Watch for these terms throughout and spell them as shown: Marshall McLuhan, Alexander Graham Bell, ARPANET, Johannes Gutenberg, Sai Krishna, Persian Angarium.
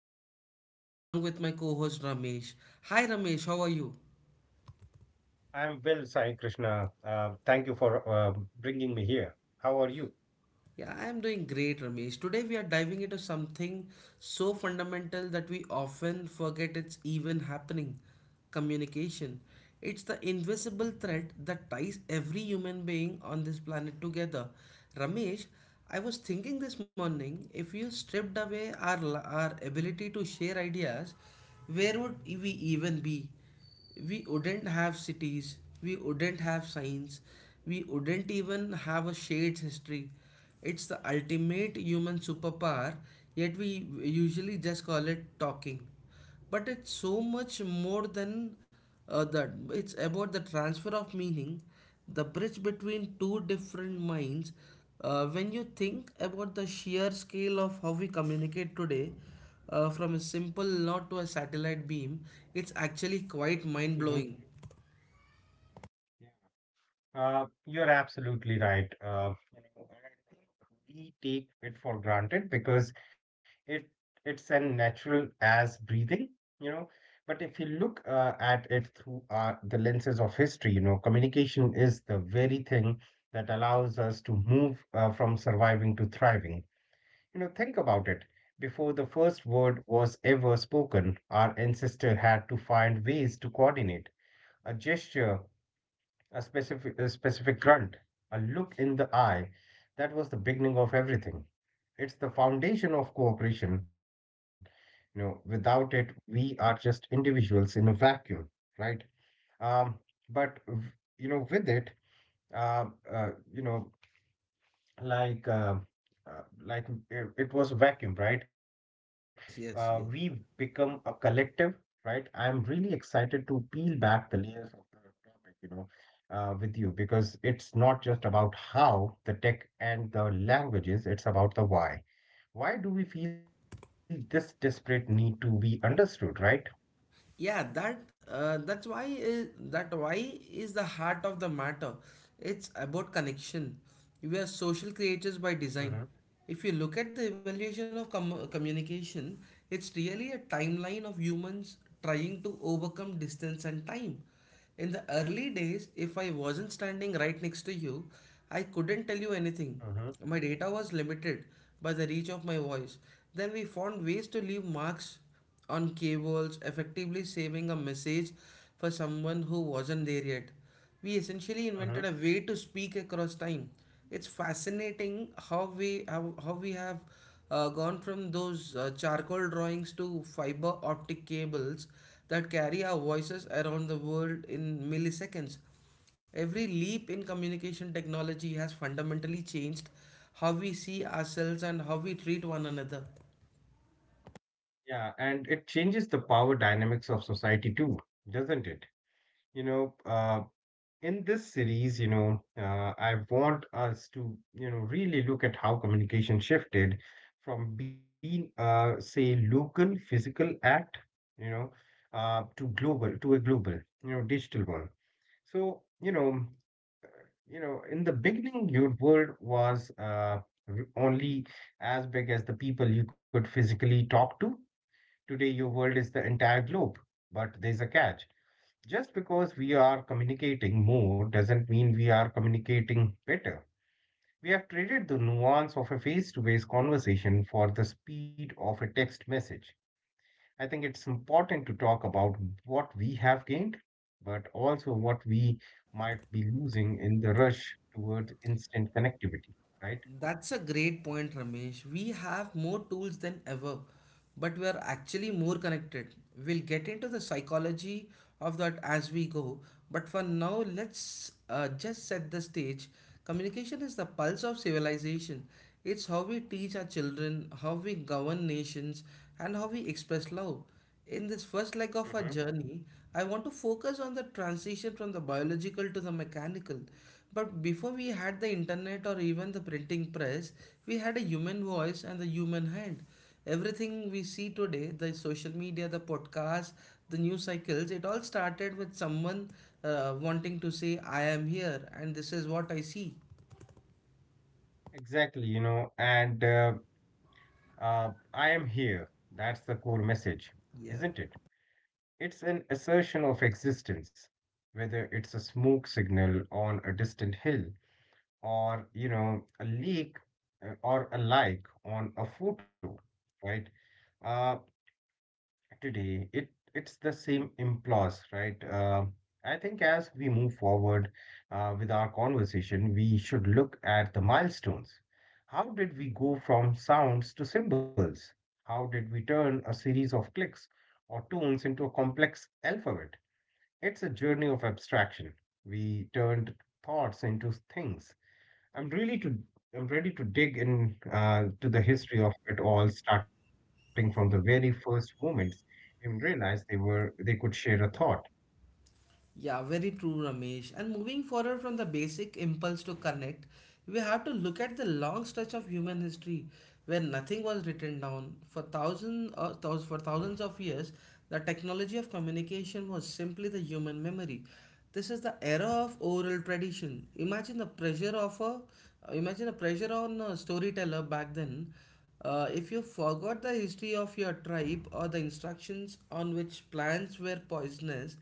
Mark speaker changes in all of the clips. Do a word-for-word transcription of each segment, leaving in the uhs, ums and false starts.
Speaker 1: Krishna, along with my co-host Ramesh. Hi, Ramesh. How are you?
Speaker 2: I'm well, Sai Krishna. Uh, thank you for uh, bringing me here. How are you?
Speaker 1: Yeah, I am doing great, Ramesh. Today we are diving into something so fundamental that we often forget it's even happening: communication. It's the invisible thread that ties every human being on this planet together. Ramesh, I was thinking this morning, if you stripped away our, our ability to share ideas, where would we even be? We wouldn't have cities, we wouldn't have signs, we wouldn't even have a shared history. It's the ultimate human superpower, yet we usually just call it talking. But it's so much more than uh, that. It's about the transfer of meaning, the bridge between two different minds. Uh, when you think about the sheer scale of how we communicate today, uh, from a simple nod to a satellite beam, it's actually quite
Speaker 2: hmm
Speaker 1: mind-blowing.
Speaker 2: Yeah. Uh, you're absolutely right. Uh, you know, and I think we take it for granted because it it's as natural as breathing, you know. But if you look uh, at it through uh, the lenses of history, you know, communication is the very thing that allows us to move uh, from surviving to thriving. You know, think about it. Before the first word was ever spoken, our ancestor had to find ways to coordinate a gesture, a specific, a specific grunt, a look in the eye. That was the beginning of everything. It's the foundation of cooperation. You know, without it, we are just individuals in a vacuum, right? Um, but, w- you know, With it, uh, uh, you know, like uh, uh, like it, it was a vacuum, right? Uh, we
Speaker 1: Yes,
Speaker 2: become
Speaker 1: yes,
Speaker 2: a
Speaker 1: yes.
Speaker 2: collective, right? I'm really excited to peel back the layers of the topic. You know uh, with you, because it's not just about how the tech and the languages, it's about the why. Why do we feel this desperate need to be understood, right?
Speaker 1: Yeah, that uh, that's why is, that why is the heart of the matter. It's about connection. We are social
Speaker 2: mm-hmm,
Speaker 1: creatures by design. If you look at the evaluation of com- communication, it's really a timeline of humans trying to overcome distance and time. In the early days, if I wasn't standing right next to you, I couldn't tell you
Speaker 2: mm-hmm,
Speaker 1: anything. My data was limited by the reach of my voice. Then we found ways to leave marks on cables, effectively saving a message for someone who wasn't there yet. We essentially
Speaker 2: mm-hmm.
Speaker 1: invented a way to speak across time. It's fascinating how we how, how we have uh, gone from those uh, charcoal drawings to fiber optic cables that carry our voices around the world in milliseconds. Every leap in communication technology has fundamentally changed how we see ourselves and how we treat one another.
Speaker 2: Yeah, and it changes the power dynamics of society too, doesn't it? you know uh, in this series, you know, uh, I want us to, you know, really look at how communication shifted from being a, say, local physical act, you know, uh, to global, to a global, you know, digital one. So, you know, you know, in the beginning, your world was uh, r- only as big as the people you could physically talk to. Today, your world is the entire globe, but there's a catch. Just because we are communicating more doesn't mean we are communicating better. We have traded the nuance of a face to face conversation for the speed of a text message. I think it's important to talk about what we have gained, but also what we might be losing in the rush towards instant connectivity, right?
Speaker 1: That's a great point, Ramesh. We have more tools than ever, but we are actually more connected. We'll get into the psychology of that as we go, but for now, let's uh, just set the stage. Communication is the pulse of civilization. It's how we teach our children, how we govern nations, and how we express love. In this first leg
Speaker 2: hmm
Speaker 1: of our journey, I want to focus on the transition from the biological to the mechanical. But before we had the internet or even the printing press, we had a human voice and the human hand. Everything we see today, the social media, the podcast, the news cycles, it all started with someone uh, wanting to say, I am here and this is what I see.
Speaker 2: Exactly, you know, and uh, uh, I am here. That's the core message,
Speaker 1: Yeah.
Speaker 2: isn't it? It's an assertion of existence, whether it's a smoke signal on a distant hill or, you know, a leak uh, or a like on a photo, right? Uh, Today, it it's the same impulse, right? Uh, I think as we move forward uh, with our conversation, we should look at the milestones. How did we go from sounds to symbols? How did we turn a series of clicks or tones into a complex alphabet? It's a journey of abstraction. We turned thoughts into things. I'm really to I'm ready to dig in uh, to the history of it all, starting from the very first moments human realized they were they could share a thought.
Speaker 1: Yeah, very true, Ramesh. And moving forward from the basic impulse to connect, we have to look at the long stretch of human history where nothing was written down. For thousands, uh, thous- for thousands of years, the technology of communication was simply the human memory. This is the era of oral tradition. Imagine the pressure of a, uh, imagine the pressure on a storyteller back then. Uh, if you forgot the history of your tribe or the instructions on which plants were poisonous,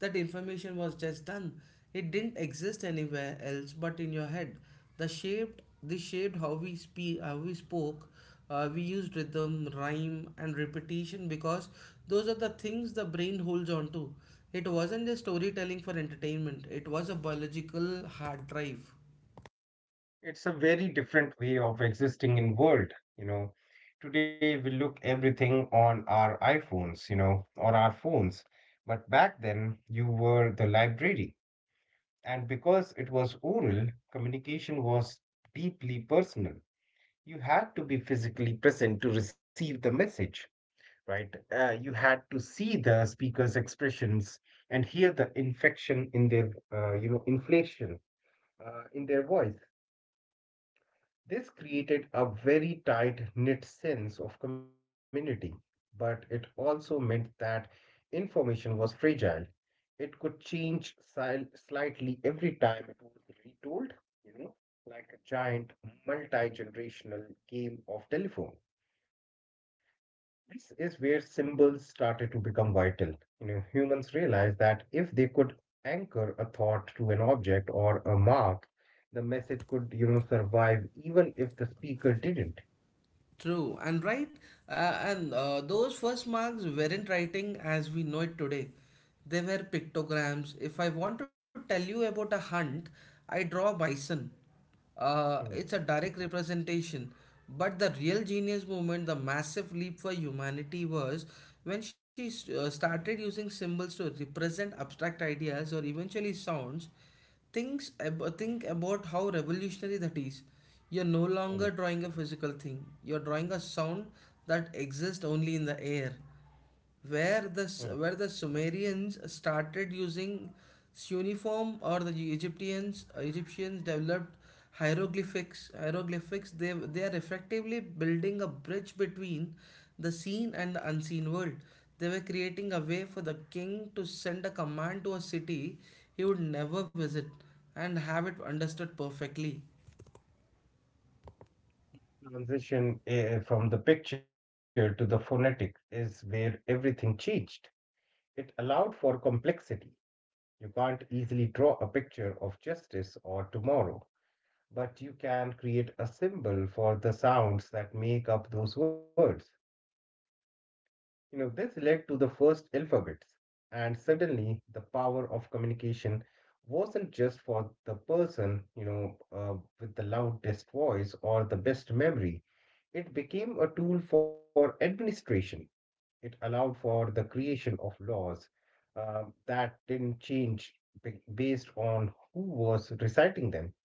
Speaker 1: that information was just done. It didn't exist anywhere else but in your head. The shaped this shaped how we speak, how we spoke. Uh, we used rhythm, rhyme, and repetition because those are the things the brain holds on to. It wasn't just storytelling for entertainment. It was a biological hard drive.
Speaker 2: It's a very different way of existing in world. You know, today we look everything on our iPhones, you know, or our phones. But back then, you were the library, and because it was oral, communication was deeply personal. You had to be physically present to receive the message, right? Uh, you had to see the speaker's expressions and hear the infection in their, uh, you know, inflation uh, in their voice. This created a very tight knit sense of community, but it also meant that information was fragile. It could change sil- slightly every time it was retold, you know, like a giant multi generational game of telephone. This is where symbols started to become vital. You know, humans realized that if they could anchor a thought to an object or a mark, the message could, you know, survive even if the speaker didn't.
Speaker 1: True and right, uh, and uh, those first marks weren't writing as we know it today. They were pictograms. If I want to tell you about a hunt, I draw a bison. Uh,
Speaker 2: Mm,
Speaker 1: it's a direct representation. But the real genius movement, the massive leap for humanity, was when she s- uh, started using symbols to represent abstract ideas or eventually sounds. Thinks ab- think about how revolutionary that is. You're no
Speaker 2: mm,
Speaker 1: longer drawing a physical thing. You're drawing a sound that exists only in the air.
Speaker 2: mm.
Speaker 1: Where the S- where the Sumerians started using cuneiform, or the Egyptians Egyptians developed hieroglyphics hieroglyphics they they are effectively building a bridge between the seen and the unseen world. They were creating a way for the king to send a command to a city he would never visit and have it understood perfectly.
Speaker 2: Transition eh, from the picture to the phonetic is where everything changed. It allowed for complexity. You can't easily draw a picture of justice or tomorrow, but you can create a symbol for the sounds that make up those words. You know, this led to the first alphabets, and suddenly the power of communication wasn't just for the person, you know, uh, with the loudest voice or the best memory. It became a tool for administration. It allowed for the creation of laws uh, that didn't change ba- based on who was reciting them.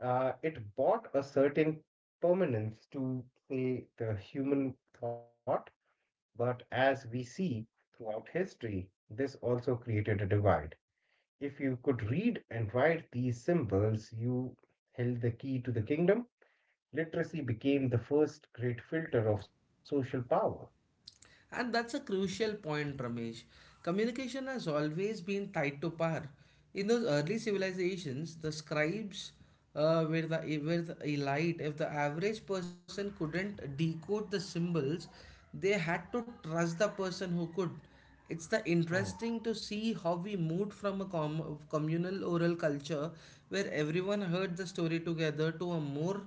Speaker 2: uh, It bought a certain permanence to, say, the human thought, but as we see throughout history, this also created a divide. If you could read and write these symbols, you held the key to the kingdom. Literacy became the first great filter of social power.
Speaker 1: And that's a crucial point, Ramesh. Communication has always been tied to power. In those early civilizations, the scribes uh, were, the, eh, were the elite. If the average person couldn't decode the symbols, they had to trust the person who could. It's the
Speaker 2: Hmm,
Speaker 1: interesting to see how we moved from a com- communal oral culture where everyone heard the story together to a more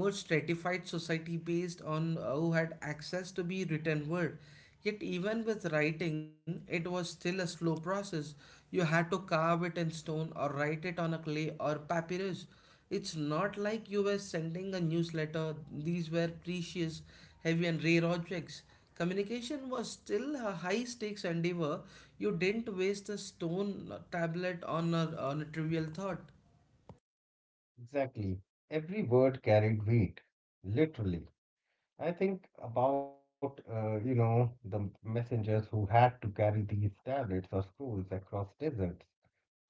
Speaker 1: more stratified society based on uh, who had access to be written word. Yet even with writing, it was still a slow process. You had to carve it in stone or write it on a clay or papyrus. It's not like you were sending a newsletter. These were precious, heavy, and rare objects. Communication was still a high stakes endeavor. You didn't waste a stone tablet on a, on a trivial thought.
Speaker 2: Exactly. Every word carried weight, literally. I think about, uh, you know, the messengers who had to carry these tablets or scrolls across deserts.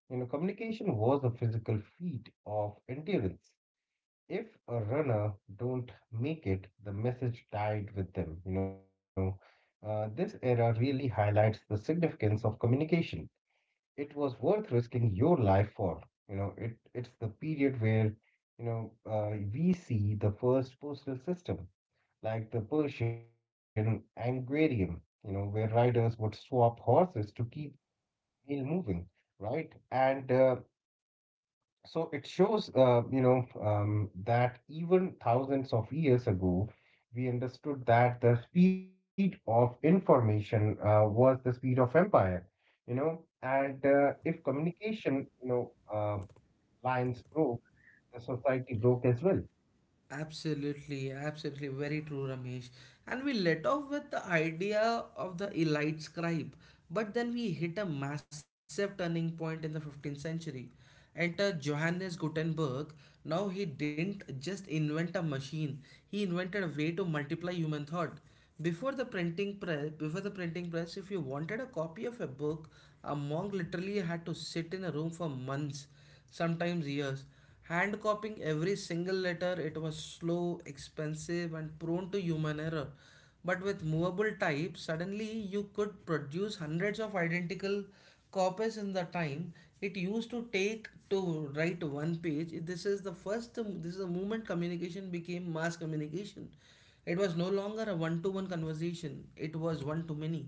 Speaker 2: You know, communication was a physical feat of endurance. If a runner don't make it, the message died with them. You know, uh, this era really highlights the significance of communication. It was worth risking your life for. You know, it it's the period where, you know, uh, we see the first postal system like the Persian Angarium, you know, where riders would swap horses to keep meal moving, right? And uh, so it shows, uh, you know, um, that even thousands of years ago, we understood that the speed of information uh, was the speed of empire, you know, and uh, if communication, you know, uh, lines broke, the society broke as well.
Speaker 1: Absolutely, absolutely, very true, Ramesh. And we let off with the idea of the elite scribe, but then we hit a massive turning point in the fifteenth century. Enter Johannes Gutenberg. Now, he didn't just invent a machine, he invented a way to multiply human thought. Before the printing press, before the printing press, if you wanted a copy of a book, a monk literally had to sit in a room for months, sometimes years, hand copying every single letter. It was slow, expensive, and prone to human error. But with movable type, suddenly you could produce hundreds of identical copies in the time it used to take to write one page. This is the first this is the moment communication became mass communication. It was no longer a one to one conversation, it was one to many.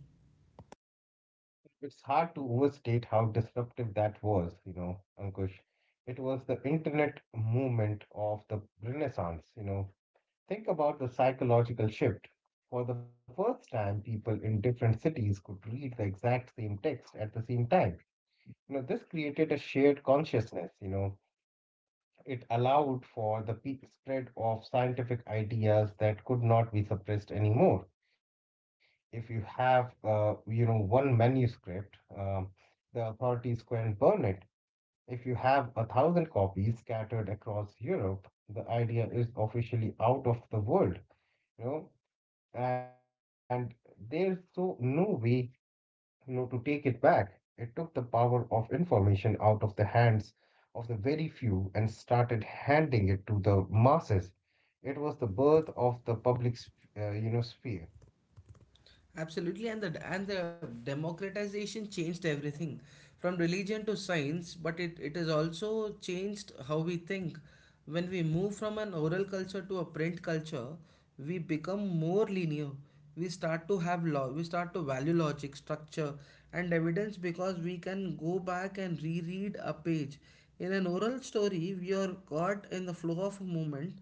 Speaker 2: It's hard to overstate how disruptive that was, you know, Ankush. It was the internet movement of the Renaissance, you know. Think about the psychological shift. For the first time, people in different cities could read the exact same text at the same time. You know, this created a shared consciousness, you know. It allowed for the pe- spread of scientific ideas that could not be suppressed anymore. If you have uh, you know one manuscript um, the authorities can burn it. If you have a thousand copies scattered across Europe, the idea is officially out of the world, you know, and there's so no way, you know, to take it back. It took the power of information out of the hands of the very few and started handing it to the masses. It was the birth of the public sp- uh, you know sphere.
Speaker 1: Absolutely, and the and the democratization changed everything, from religion to science. But it, it has also changed how we think. When we move from an oral culture to a print culture, we become more linear. We start to have law. We start to value logic, structure, and evidence because we can go back and reread a page. In an oral story, we are caught in the flow of a moment.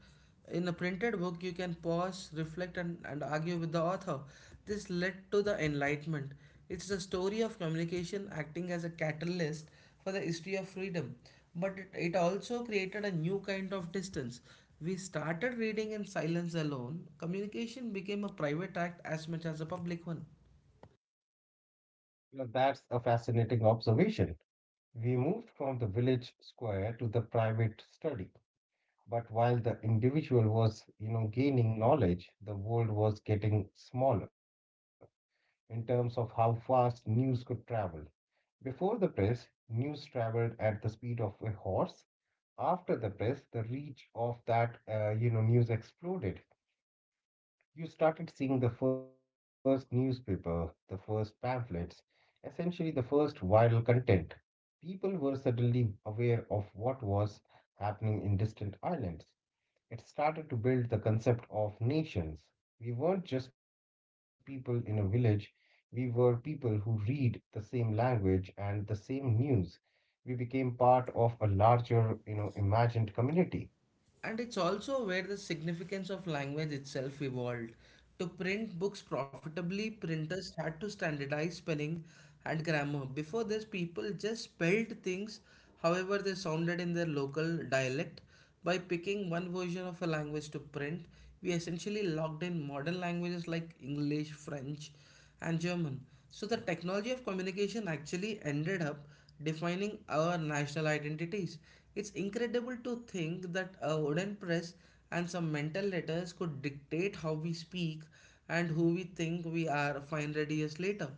Speaker 1: In a printed book, you can pause, reflect, and, and argue with the author. This led to the Enlightenment. It's the story of communication acting as a catalyst for the history of freedom. But it, it also created a new kind of distance. We started reading in silence alone. Communication became a private act as much as a public one.
Speaker 2: Well, that's a fascinating observation. We moved from the village square to the private study. But while the individual was, you know, gaining knowledge, the world was getting smaller in terms of how fast news could travel. Before the press, news traveled at the speed of a horse. After the press, the reach of that, uh, you know, news exploded. You started seeing the first newspaper, the first pamphlets, essentially the first viral content. People were suddenly aware of what was happening in distant islands. It started to build the concept of nations. We weren't just people in a village, we were people who read the same language and the same news. We became part of a larger, you know, imagined community.
Speaker 1: And it's also where the significance of language itself evolved. To print books profitably, printers had to standardize spelling and grammar. Before this, people just spelled things however they sounded in their local dialect. By picking one version of a language to print, we essentially locked in modern languages like English, French, and German. So the technology of communication actually ended up defining our national identities. It's incredible to think that a wooden press and some mental letters could dictate how we speak and who we think we are five hundred years later.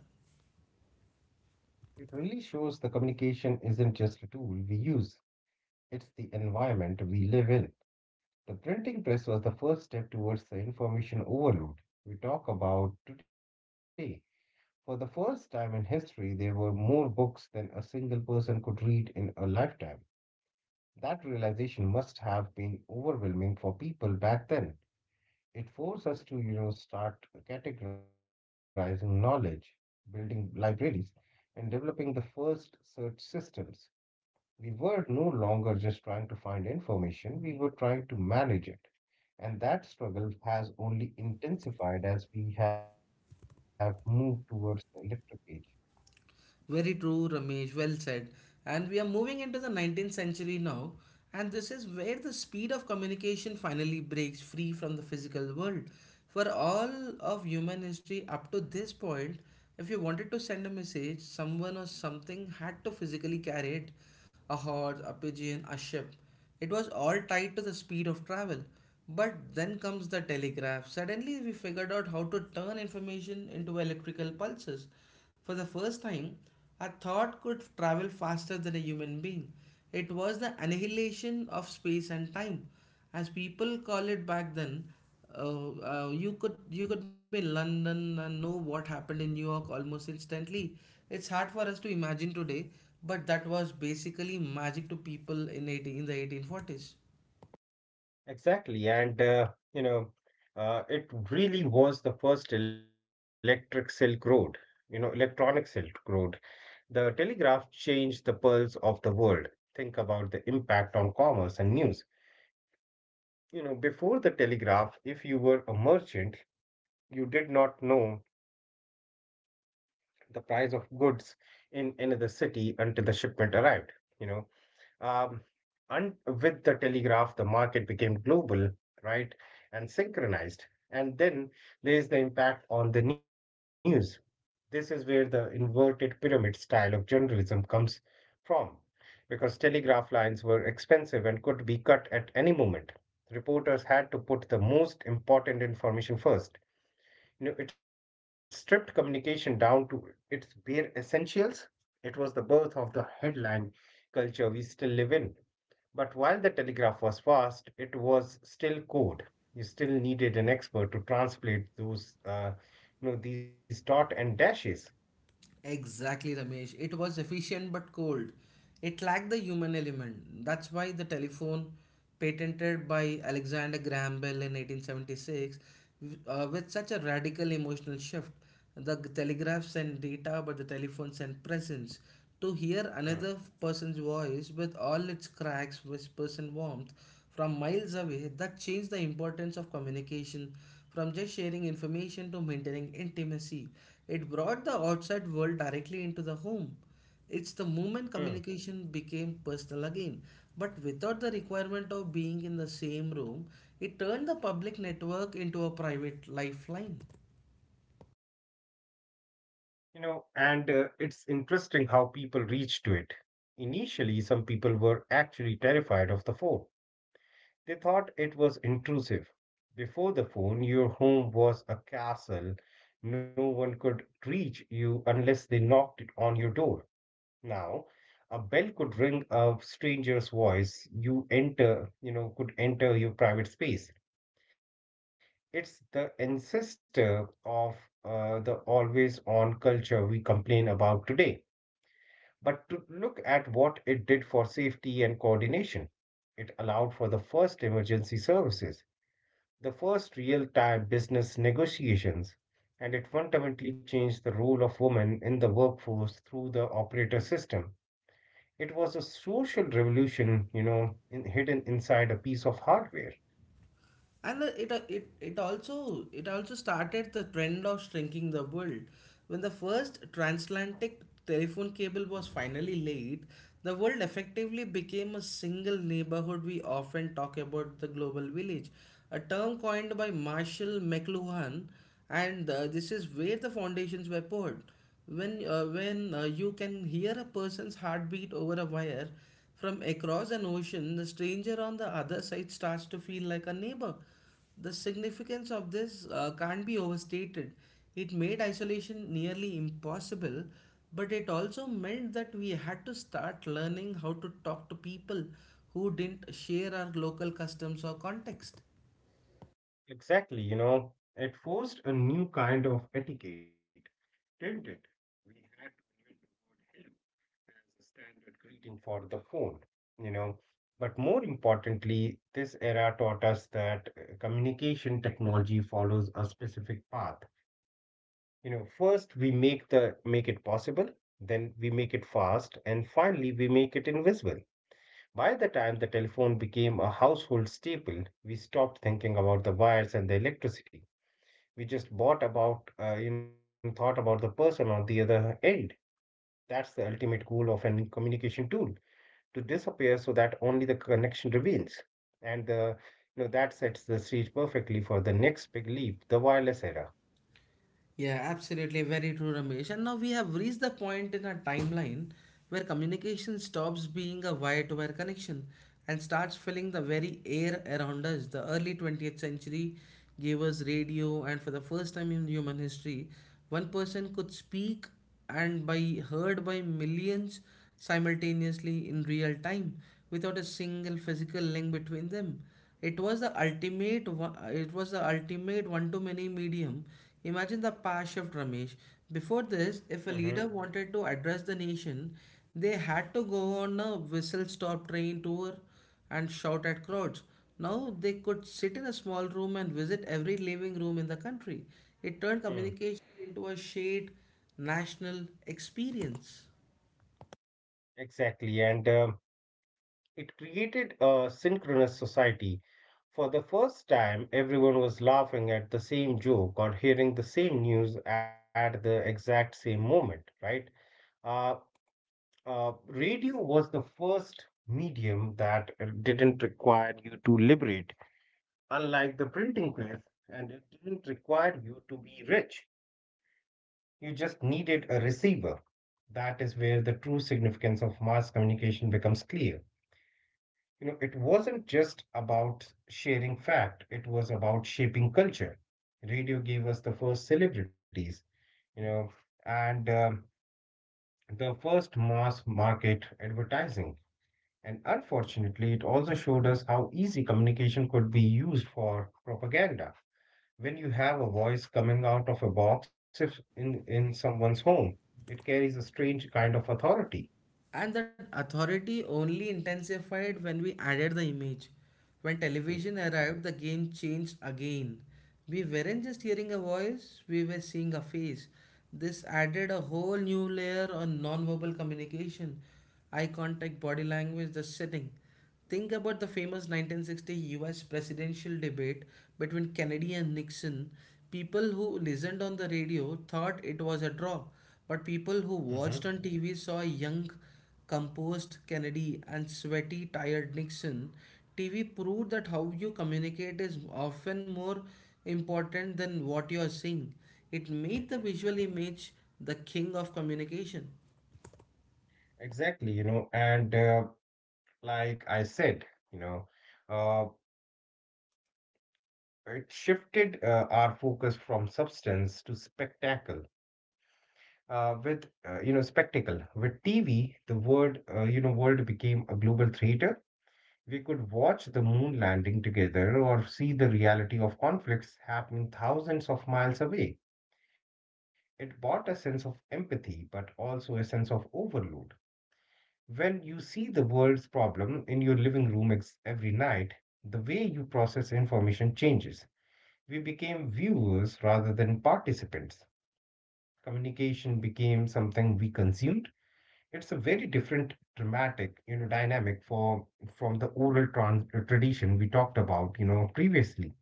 Speaker 2: It really shows the communication isn't just a tool we use. It's the environment we live in. The printing press was the first step towards the information overload we talk about today. For the first time in history, there were more books than a single person could read in a lifetime. That realization must have been overwhelming for people back then. It forced us to, you know, start categorizing knowledge, building libraries, and developing the first search systems. We were no longer just trying to find information, we were trying to manage it. And that struggle has only intensified as we have moved towards the electric age.
Speaker 1: Very true, Ramesh. Well said. And we are moving into the nineteenth century now, and this is where the speed of communication finally breaks free from the physical world. For all of human history up to this point, if you wanted to send a message, someone or something had to physically carry it: a horse, a pigeon, a ship. It was all tied to the speed of travel. But then comes the telegraph. Suddenly, we figured out how to turn information into electrical pulses. For the first time, a thought could travel faster than a human being. It was the annihilation of space and time, as people call it back then. Uh, uh, you could you could be in London and know what happened in New York almost instantly. It's hard for us to imagine today, but that was basically magic to people in eighteen, in the eighteen forties.
Speaker 2: Exactly, and uh, you know, uh, it really was the first electric silk road, you know, electronic silk road. The telegraph changed the pulse of the world. Think about the impact on commerce and news. You know, before the telegraph, if you were a merchant, you did not know the price of goods in another city until the shipment arrived. You know, um, and with the telegraph, the market became global, right, and synchronized. And then there's the impact on the news. This is where the inverted pyramid style of journalism comes from, because telegraph lines were expensive and could be cut at any moment. Reporters had to put the most important information first. You know, it stripped communication down to its bare essentials. It was the birth of the headline culture we still live in. But while the telegraph was fast, it was still code. You still needed an expert to translate those, uh, you know, these dot and dashes.
Speaker 1: Exactly, Ramesh. It was efficient but cold. It lacked the human element. That's why the telephone, patented by Alexander Graham Bell in eighteen seventy-six, w- uh, with such a radical emotional shift. The telegraph sent data, but the telephone sent presence. To hear another
Speaker 2: Mm,
Speaker 1: person's voice with all its cracks, whispers, and warmth from miles away, that changed the importance of communication from just sharing information to maintaining intimacy. It brought the outside world directly into the home. It's the moment
Speaker 2: mm.
Speaker 1: communication became personal again, but without the requirement of being in the same room, it turned the public network into a private lifeline.
Speaker 2: You know, and uh, it's interesting how people reached to it. Initially, some people were actually terrified of the phone. They thought it was intrusive. Before the phone, your home was a castle. No one could reach you unless they knocked on your door. Now, a bell could ring a stranger's voice. You enter, you know, Could enter your private space. It's the ancestor of uh, the always on culture we complain about today. But to look at what it did for safety and coordination, it allowed for the first emergency services, the first real time business negotiations, and it fundamentally changed the role of women in the workforce through the operator system. It was a social revolution, you know, in, hidden inside a piece of hardware.
Speaker 1: And uh, it, uh, it it also it also started the trend of shrinking the world. When the first transatlantic telephone cable was finally laid, the world effectively became a single neighborhood. We often talk about the global village, a term coined by Marshall McLuhan, and uh, this is where the foundations were poured. When uh, when uh, you can hear a person's heartbeat over a wire from across an ocean, the stranger on the other side starts to feel like a neighbor. The significance of this uh, can't be overstated. It made isolation nearly impossible, but it also meant that we had to start learning how to talk to people who didn't share our local customs or context.
Speaker 2: Exactly, you know, it forced a new kind of etiquette, didn't it? We had to invent the word hello as a standard greeting for the phone, you know. But more importantly, this era taught us that uh, communication technology follows a specific path. You know, first we make the make it possible, then we make it fast, and finally we make it invisible. By the time the telephone became a household staple, we stopped thinking about the wires and the electricity. We just bought about, uh, you know, thought about the person on the other end. That's the ultimate goal of any communication tool, to disappear so that only the connection remains. And the, you know, That sets the stage perfectly for the next big leap, the wireless era.
Speaker 1: Yeah, absolutely. Very true, Ramesh. And now we have reached the point in our timeline where communication stops being a wire to wire connection and starts filling the very air around us. The early twentieth century gave us radio, and for the first time in human history, one person could speak and by heard by millions simultaneously in real time, without a single physical link between them. it was the ultimate one- it was the ultimate one to many medium. Imagine the power shift, Ramesh. Before this, if
Speaker 2: Hmm.
Speaker 1: a leader wanted to address the nation, they had to go on a whistle stop train tour and shout at crowds. Now they could sit in a small room and visit every living room in the country. It turned communication into a shared national experience.
Speaker 2: Exactly. And um, It created a synchronous society. For the first time, everyone was laughing at the same joke or hearing the same news at the exact same moment, right? Uh, uh, Radio was the first medium that uh, didn't require you to liberate, unlike the printing press, and it didn't require you to be rich. You just needed a receiver. That is where the true significance of mass communication becomes clear. You know, it wasn't just about sharing fact, it was about shaping culture. Radio gave us the first celebrities, you know, and um, the first mass market advertising. And unfortunately, it also showed us how easy communication could be used for propaganda. When you have a voice coming out of a box, if in in someone's home, it carries a strange kind of authority.
Speaker 1: And that authority only intensified when we added the image. When
Speaker 2: Mm.
Speaker 1: television arrived, the game changed again. We weren't just hearing a voice, we were seeing a face. This added a whole new layer on verbal communication: eye contact, body language, the setting. Think about the famous nineteen sixty U S presidential debate between Kennedy and Nixon. People who listened on the radio thought it was a draw, but people who
Speaker 2: Mm-hmm.
Speaker 1: watched on T V saw a young, composed Kennedy and sweaty, tired Nixon. T V proved that how you communicate is often more important than what you are seeing. It made the
Speaker 2: Mm-hmm.
Speaker 1: visual image the king of communication.
Speaker 2: Exactly, you know, and uh, like I said, you know, uh, it shifted uh, our focus from substance to spectacle. Uh, with uh, you know spectacle with T V, the world uh, you know world became a global theater. We could watch the moon landing together or see the reality of conflicts happening thousands of miles away. It brought a sense of empathy, but also a sense of overload. When you see the world's problem in your living room ex- every night, the way you process information changes. We became viewers rather than participants. Communication became something we consumed. It's a very different dramatic, you know, dynamic for from the oral trans- uh, tradition we talked about, you know, previously,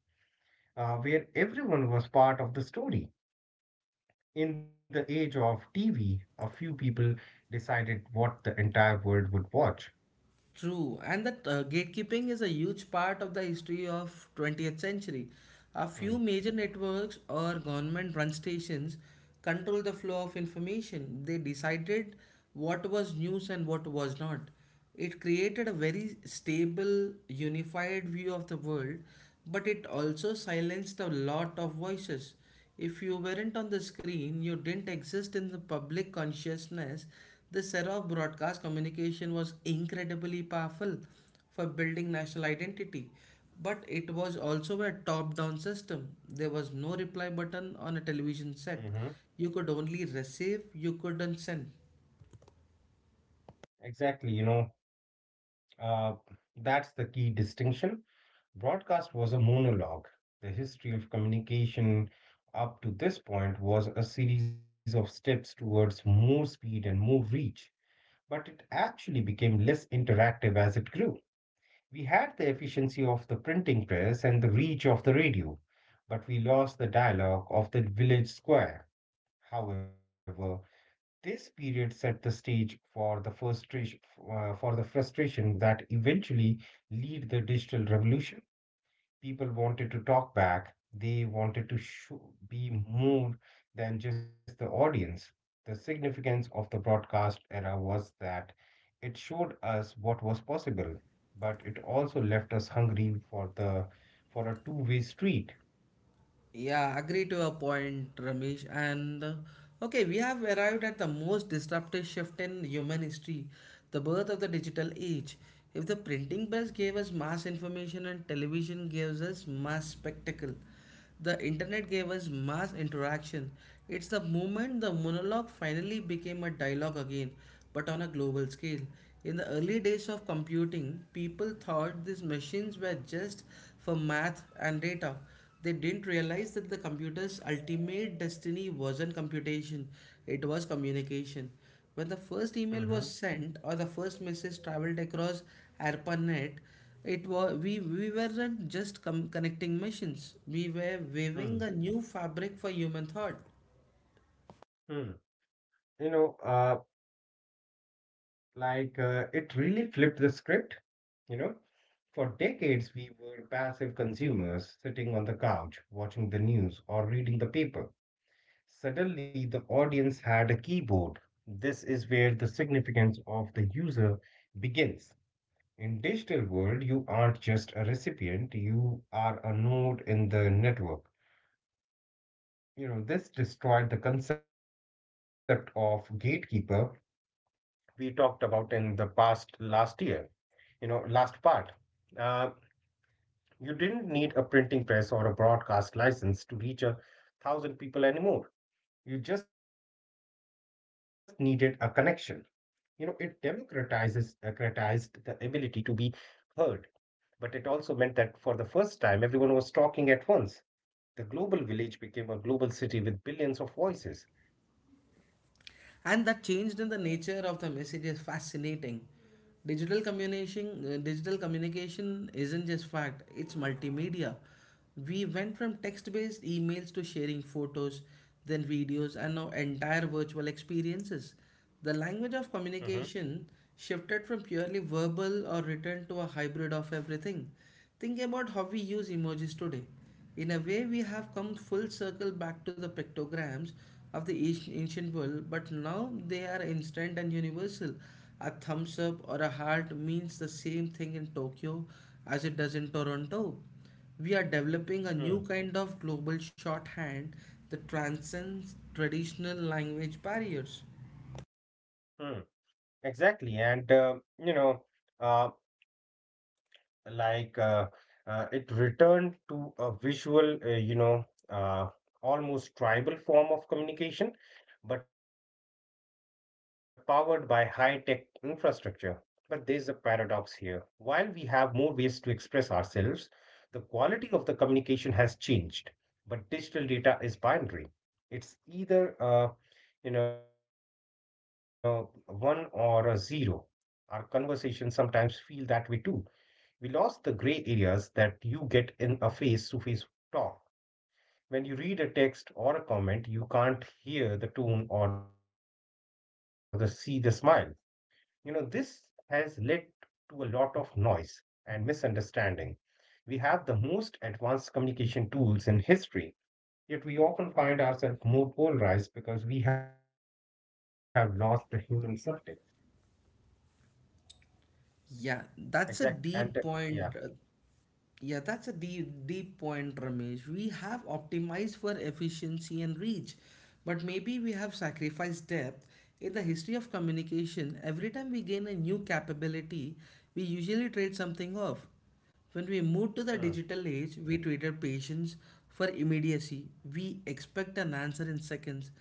Speaker 2: uh, where everyone was part of the story. In the age of T V, a few people decided what the entire world would watch.
Speaker 1: True, and that uh, gatekeeping is a huge part of the history of twentieth century. A few major networks or government-run stations control the flow of information. They decided what was news and what was not. It created a very stable, unified view of the world, but it also silenced a lot of voices. If you weren't on the screen, you didn't exist in the public consciousness. The era of broadcast communication was incredibly powerful for building national identity, but it was also a top down system. There was no reply button on a television set.
Speaker 2: Mm-hmm.
Speaker 1: You could only receive, you couldn't send.
Speaker 2: Exactly, you know, uh, that's the key distinction. Broadcast was a monologue. The history of communication up to this point was a series of steps towards more speed and more reach, but it actually became less interactive as it grew. We had the efficiency of the printing press and the reach of the radio, but we lost the dialogue of the village square. However, this period set the stage for the frustration, uh, for the frustration that eventually lead the digital revolution. People wanted to talk back. They wanted to show, be more than just the audience. The significance of the broadcast era was that it showed us what was possible, but it also left us hungry for the for a two-way street.
Speaker 1: Yeah, agree to a point, Ramesh. And uh, Okay, we have arrived at the most disruptive shift in human history: the birth of the digital age. If the printing press gave us mass information and television gives us mass spectacle, the internet gave us mass interaction. It's the moment the monologue finally became a dialogue again, but on a global scale. In the early days of computing, people thought these machines were just for math and data. They didn't realize that the computer's ultimate destiny wasn't computation, it was communication. When the first email was
Speaker 2: Hmm.
Speaker 1: sent or the first message traveled across ARPANET, it was we, we weren't just com- connecting machines. We were weaving
Speaker 2: Hmm.
Speaker 1: a new fabric for human thought.
Speaker 2: Hmm. You know, uh, like uh, it really flipped the script. You know, for decades we were passive consumers, sitting on the couch, watching the news or reading the paper. Suddenly, the audience had a keyboard. This is where the significance of the user begins. In digital world, you aren't just a recipient, you are a node in the network. You know, this destroyed the concept of gatekeeper we talked about in the past last year, you know, last part. Uh, you didn't need a printing press or a broadcast license to reach a thousand people anymore. You just needed a connection. You know, it democratizes democratized the ability to be heard, but it also meant that for the first time, everyone was talking at once. The global village became a global city with billions of voices.
Speaker 1: And that changed in the nature of the message is fascinating. Digital communication, uh, digital communication isn't just fact, it's multimedia. We went from text based emails to sharing photos, then videos, and now entire virtual experiences. The language
Speaker 2: Hmm.
Speaker 1: of communication shifted from purely verbal or written to a hybrid of everything. Think about how we use emojis today. In a way, we have come full circle back to the pictograms of the ancient ancient world, but now they are instant and universal. A thumbs up or a heart means the same thing in Tokyo as it does in Toronto. We are developing a new kind of global shorthand that transcends traditional language barriers.
Speaker 2: Mm-hmm. Exactly, and uh, you know, uh, like uh, uh, it returned to a visual, uh, you know, uh, almost tribal form of communication, but powered by high tech infrastructure. But there's a paradox here. While we have more ways to express ourselves, the quality of the communication has changed, but digital data is binary. It's either, uh, you know, one or a zero. Our conversations sometimes feel that way too. We lost the gray areas that you get in a face to face talk. When you read a text or a comment, you can't hear the tone or the see the smile. You know, this has led to a lot of noise and misunderstanding. We have the most advanced communication tools in history, yet we often find ourselves more polarized because we have lost the human subject.
Speaker 1: Yeah,
Speaker 2: Exact and
Speaker 1: that's a
Speaker 2: yeah.
Speaker 1: deep point. Yeah, that's a deep, deep point, Ramesh. We have optimized for efficiency and reach, but maybe we have sacrificed depth. In the history of communication, every time we gain a new capability, we usually trade something off. When we moved to
Speaker 2: Hmm,
Speaker 1: the digital age, we traded patience for immediacy. We expect an answer in seconds.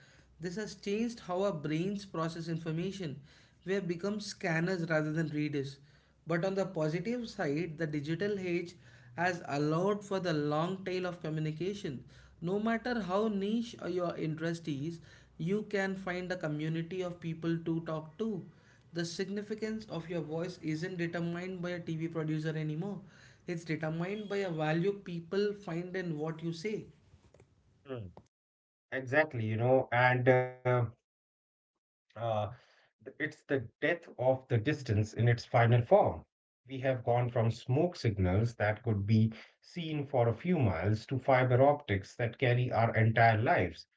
Speaker 1: This has changed how our brains process information. We have become scanners rather than readers. But on the positive side, the digital age has allowed for the long tail of communication. No matter how niche uh, your interest is, you can find a community of people to talk to. The significance of your voice isn't determined by a T V producer anymore. It's determined by a value people find in what you say.
Speaker 2: hmm. Exactly, you know, and uh, Uh, it's the death of the distance in its final form. We have gone from smoke signals that could be seen for a few miles to fiber optics that carry our entire lives.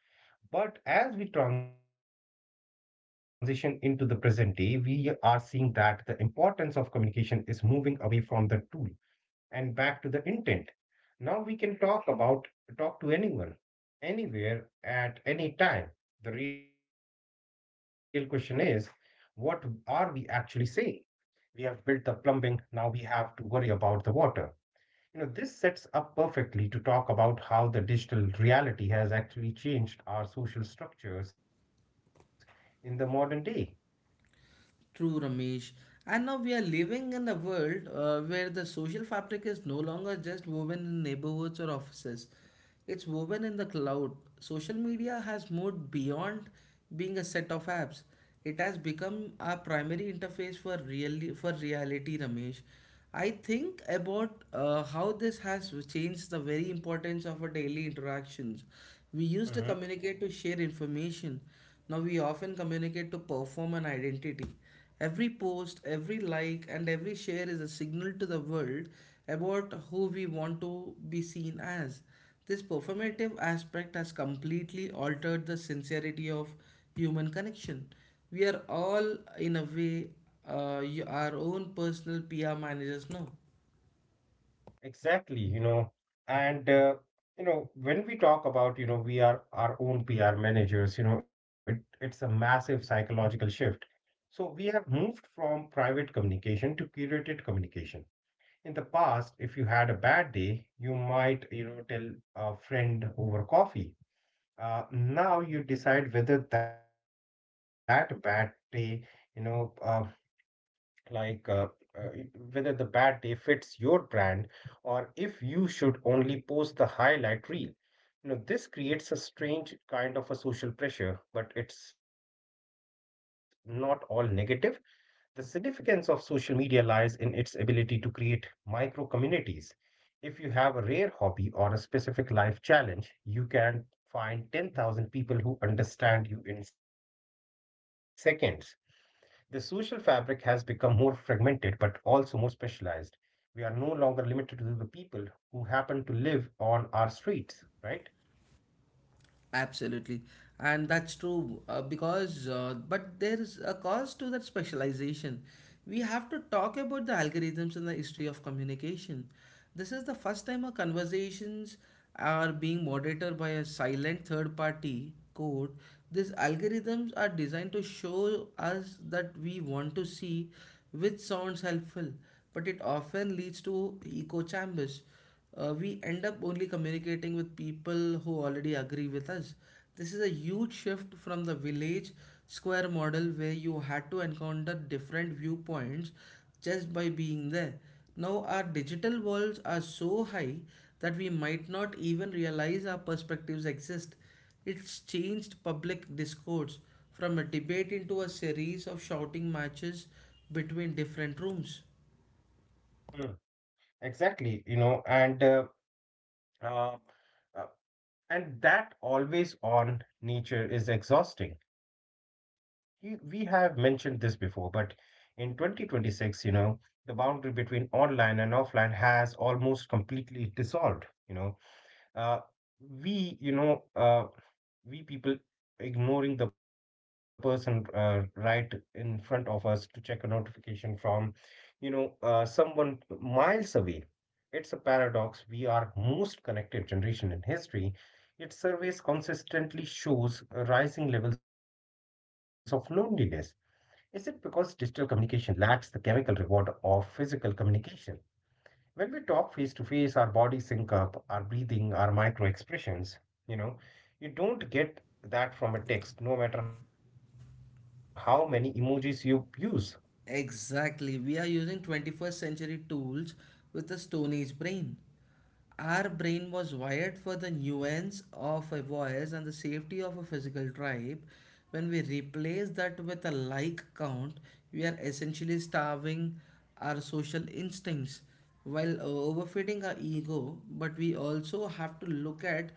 Speaker 2: But as we transition into the present day, we are seeing that the importance of communication is moving away from the tool and back to the intent. Now we can talk about talk to anyone, anywhere, at any time. The real question is, what are we actually saying? We have built the plumbing, now we have to worry about the water. You know, this sets up perfectly to talk about how the digital reality has actually changed our social structures in the modern day.
Speaker 1: True, Ramesh. And now we are living in a world uh, where the social fabric is no longer just woven in neighborhoods or offices. It's woven in the cloud. Social media has moved beyond being a set of apps. It has become our primary interface for really for reality, Ramesh. I think about uh, how this has changed the very importance of our daily interactions. We used to
Speaker 2: Mhm.
Speaker 1: communicate to share information. Now we often communicate to perform an identity. Every post, every like, and every share is a signal to the world about who we want to be seen as. This performative aspect has completely altered the sincerity of human connection. We are all, in a way, uh, y- our own personal P R managers now.
Speaker 2: Exactly, you know, and uh, you know, when we talk about, you know, we are our own P R managers, you know, it, it's a massive psychological shift. So we have moved from private communication to curated communication. In the past, if you had a bad day, you might, you know, tell a friend over coffee. Uh, now you decide whether that bad day, you know, uh, like uh, uh, it- whether the bad day fits your brand or if you should only post the highlight reel. You know, this creates a strange kind of a social pressure, but it's not all negative. The significance of social media lies in its ability to create micro communities. If you have a rare hobby or a specific life challenge, you can find ten thousand people who understand you in seconds. The social fabric has become more fragmented but also more specialized. We are no longer limited to the people who happen to live on our streets, right?
Speaker 1: Absolutely. And that's true uh, because, uh, but there is a cost to that specialization. We have to talk about the algorithms in the history of communication. This is the first time our conversations are being moderated by a silent third party code. These algorithms are designed to show us that we want to see, which sounds helpful, but it often leads to echo chambers. Uh, we end up only communicating with people who already agree with us. This is a huge shift from the village square model where you had to encounter different viewpoints just by being there. Now, our digital walls are so high that we might not even realize our perspectives exist. It's changed public discourse from a debate into a series of shouting matches between different rooms.
Speaker 2: Mm. Exactly, you know, and uh, uh, uh, and that always on nature is exhausting. We we have mentioned this before, but in twenty twenty-six, you know, the boundary between online and offline has almost completely dissolved, you know uh, we you know uh, we people ignoring the person uh, right in front of us to check a notification from you know uh, someone miles away. It's a paradox: we are most connected generation in history, its surveys consistently shows uh, rising levels of loneliness. Is it because digital communication lacks the chemical reward of physical communication? When we talk face to face our body sync up, our breathing, our micro expressions, you know, you don't get that from a text, no matter how many emojis you use.
Speaker 1: Exactly. We are using twenty-first century tools with a Stone Age brain. Our brain was wired for the nuance of a voice and the safety of a physical tribe. When we replace that with a like count, we are essentially starving our social instincts while uh, overfeeding our ego. But we also have to look at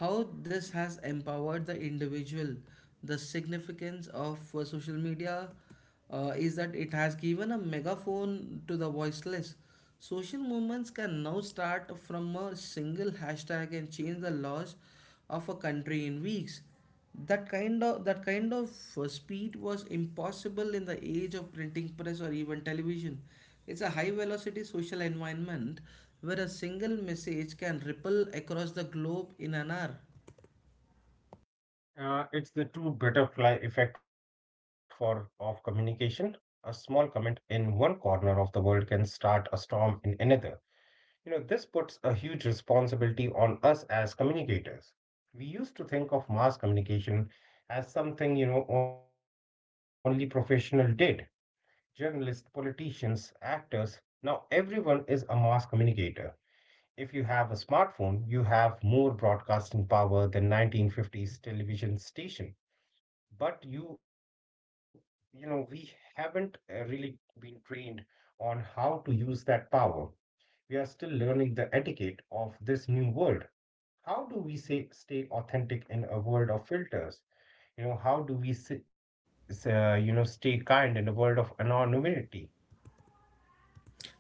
Speaker 1: how this has empowered the individual. The significance of uh, social media uh, is that it has given a megaphone to the voiceless. Social movements can now start from a single hashtag and change the laws of a country in weeks. That kind of that kind of uh, speed was impossible in the age of printing press or even television. It's a high velocity social environment where a single message can ripple across the globe in an hour.
Speaker 2: uh, It's the true butterfly effect for of communication. A small comment in one corner of the world can start a storm in another. You know, this puts a huge responsibility on us as communicators. We used to think of mass communication as something, you know, only professional did: journalists, politicians, actors. Now, everyone is a mass communicator. If you have a smartphone, you have more broadcasting power than nineteen fifties television station. But you, you know, we haven't uh, really been trained on how to use that power. We are still learning the etiquette of this new world. How do we say, stay authentic in a world of filters? You know, how do we s- s- uh, you know stay kind in a world of anonymity?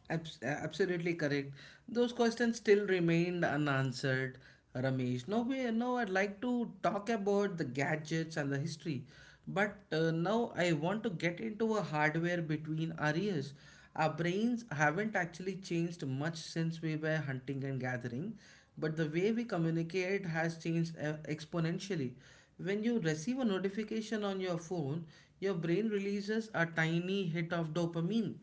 Speaker 1: Abs- absolutely correct. Those questions still remained unanswered, Ramesh. Now, we, now I'd like to talk about the gadgets and the history, but uh, now I want to get into a hardware between our ears. Our brains haven't actually changed much since we were hunting and gathering, but the way we communicate has changed uh, exponentially. When you receive a notification on your phone, your brain releases a tiny hit of dopamine.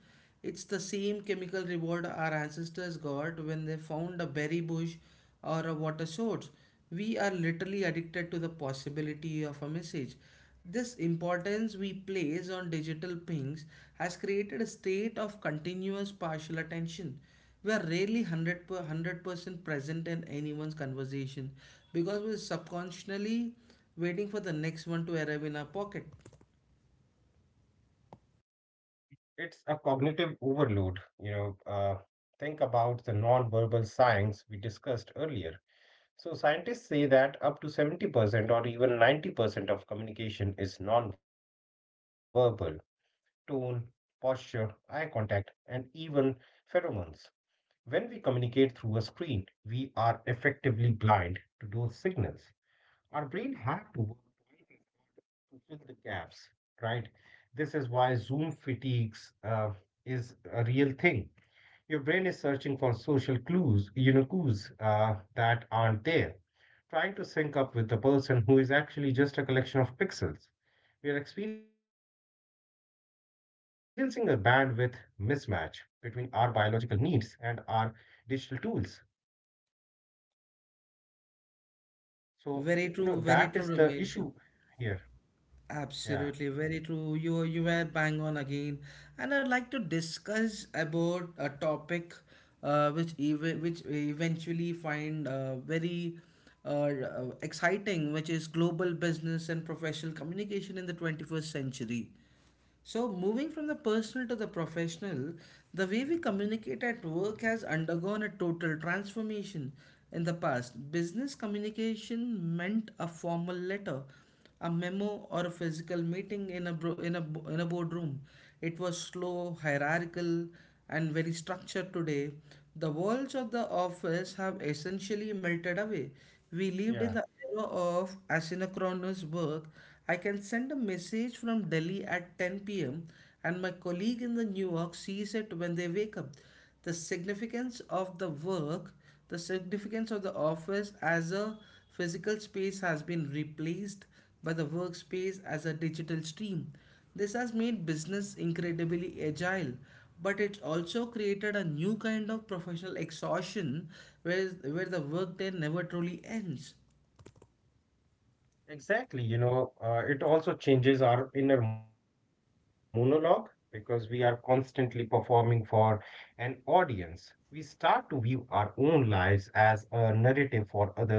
Speaker 1: It's the same chemical reward our ancestors got when they found a berry bush or a water source. We are literally addicted to the possibility of a message. This importance we place on digital pings has created a state of continuous partial attention. We are rarely one hundred per, one hundred percent present in anyone's conversation because we're subconsciously waiting for the next one to arrive in our pocket.
Speaker 2: It's a cognitive overload. You know, uh, think about the non-verbal signs we discussed earlier. So scientists say that up to seventy percent or even ninety percent of communication is non-verbal. Tone, posture, eye contact, and even pheromones. When we communicate through a screen, we are effectively blind to those signals. Our brain has to work to fill the gaps, right? This is why Zoom fatigues uh, is a real thing. Your brain is searching for social clues, you know, clues uh, that aren't there, trying to sync up with the person who is actually just a collection of pixels. We are experiencing a bandwidth mismatch between our biological needs and our digital tools. So, you know, that is
Speaker 1: Very
Speaker 2: the
Speaker 1: true, very
Speaker 2: issue
Speaker 1: true,
Speaker 2: here.
Speaker 1: Ramesh.
Speaker 2: Yeah,
Speaker 1: Absolutely, very true. You you were bang on again, and I'd like to discuss about a topic, uh, which ev- which we eventually find uh, very uh, uh, exciting, which is global business and professional communication in the twenty-first century. So, moving from the personal to the professional, the way we communicate at work has undergone a total transformation. In the past, business communication meant a formal letter, a memo, or a physical meeting in a, bro- in a, bo- in a boardroom. It was slow, hierarchical, and very structured today. The walls of the office have essentially melted away. We lived in
Speaker 2: yeah.
Speaker 1: the era of asynchronous work. I can send a message from Delhi at ten p m, and my colleague in the New York sees it when they wake up. The significance of the work, the significance of the office as a physical space has been replaced by the workspace as a digital stream. This has made business incredibly agile, but it's also created a new kind of professional exhaustion where, where the workday never truly ends.
Speaker 2: Exactly, you know, uh, it also changes our inner monologue because we are constantly performing for an audience. We start to view our own lives as a narrative for others to consume.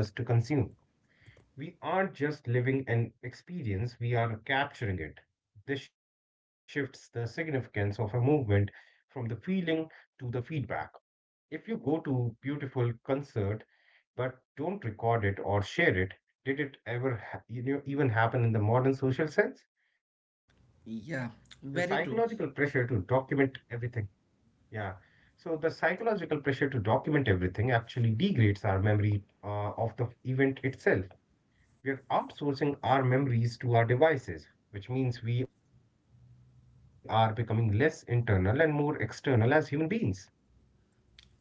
Speaker 2: We aren't just living an experience, we are capturing it. This shifts the significance of a movement from the feeling to the feedback. If you go to beautiful concert but don't record it or share it. Did it ever ha- You know, even happen in the modern social sense? The psychological
Speaker 1: Yeah,
Speaker 2: pressure to
Speaker 1: very
Speaker 2: document
Speaker 1: true.
Speaker 2: everything. Yeah. So the psychological pressure to document everything actually degrades our memory uh, of the event itself. We are outsourcing our memories to our devices, which means we are becoming less internal and more external as human beings.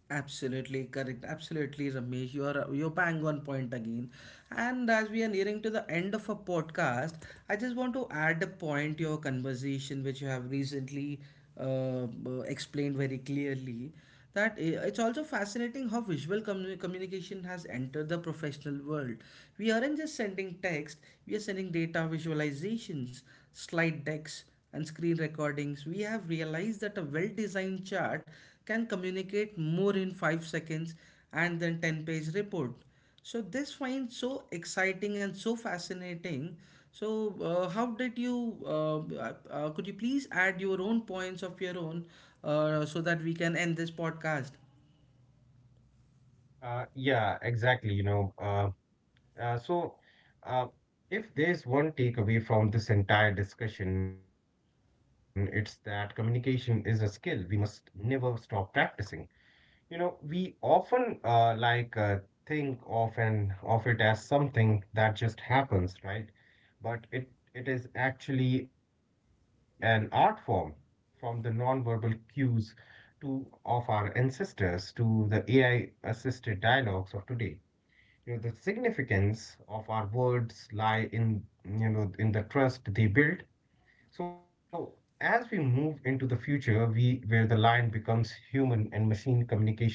Speaker 1: Absolutely correct. Absolutely, Ramesh. You are you're bang on point again. And as we are nearing to the end of a podcast, I just want to add a point to your conversation, which you have recently uh, b- explained very clearly. That i- it's also fascinating how visual commu- communication has entered the professional world. We aren't just sending text; we are sending data visualizations, slide decks and screen recordings. We have realized that a well designed chart can communicate more in five seconds and than ten page report. So, this finds so exciting and so fascinating. So, uh, how did you, uh, uh, uh, could you please add your own points of your own uh, so that we can end this podcast?
Speaker 2: Uh, yeah, exactly. You know, uh, Uh, so, uh, if there's one takeaway from this entire discussion, it's that communication is a skill we must never stop practicing. You know, we often uh, like uh, think of and of it as something that just happens, right? But it it is actually an art form, from the nonverbal cues to of our ancestors to the A I-assisted dialogues of today. You know, the significance of our words lie in, you know, in the trust they build. So as we move into the future, we where the line becomes human and machine communication blurs,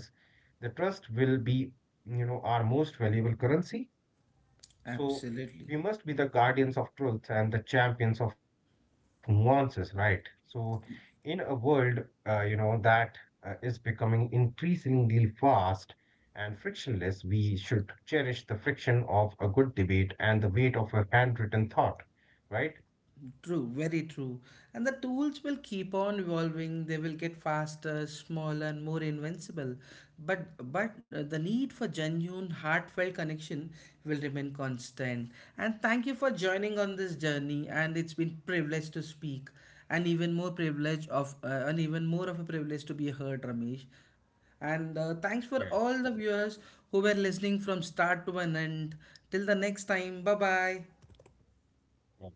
Speaker 2: the trust will be, you know, our most valuable currency. So we
Speaker 1: Absolutely.
Speaker 2: must be the guardians of truth and the champions of nuances, right? So in a world, uh, you know, that uh, is becoming increasingly fast and frictionless, we should cherish the friction of a good debate and the weight of a handwritten thought, right?
Speaker 1: True, very true. And the tools will keep on evolving. They will get faster, smaller, and more invincible. But but uh, the need for genuine, heartfelt connection will remain constant. And thank you for joining on this journey. And it's been privilege to speak, and even more privilege of uh, and even more of a privilege to be heard, Ramesh.
Speaker 2: Yeah,
Speaker 1: And uh, Thanks for all the viewers who were listening from start to an end. Till the next time, bye bye.
Speaker 2: yeah, right.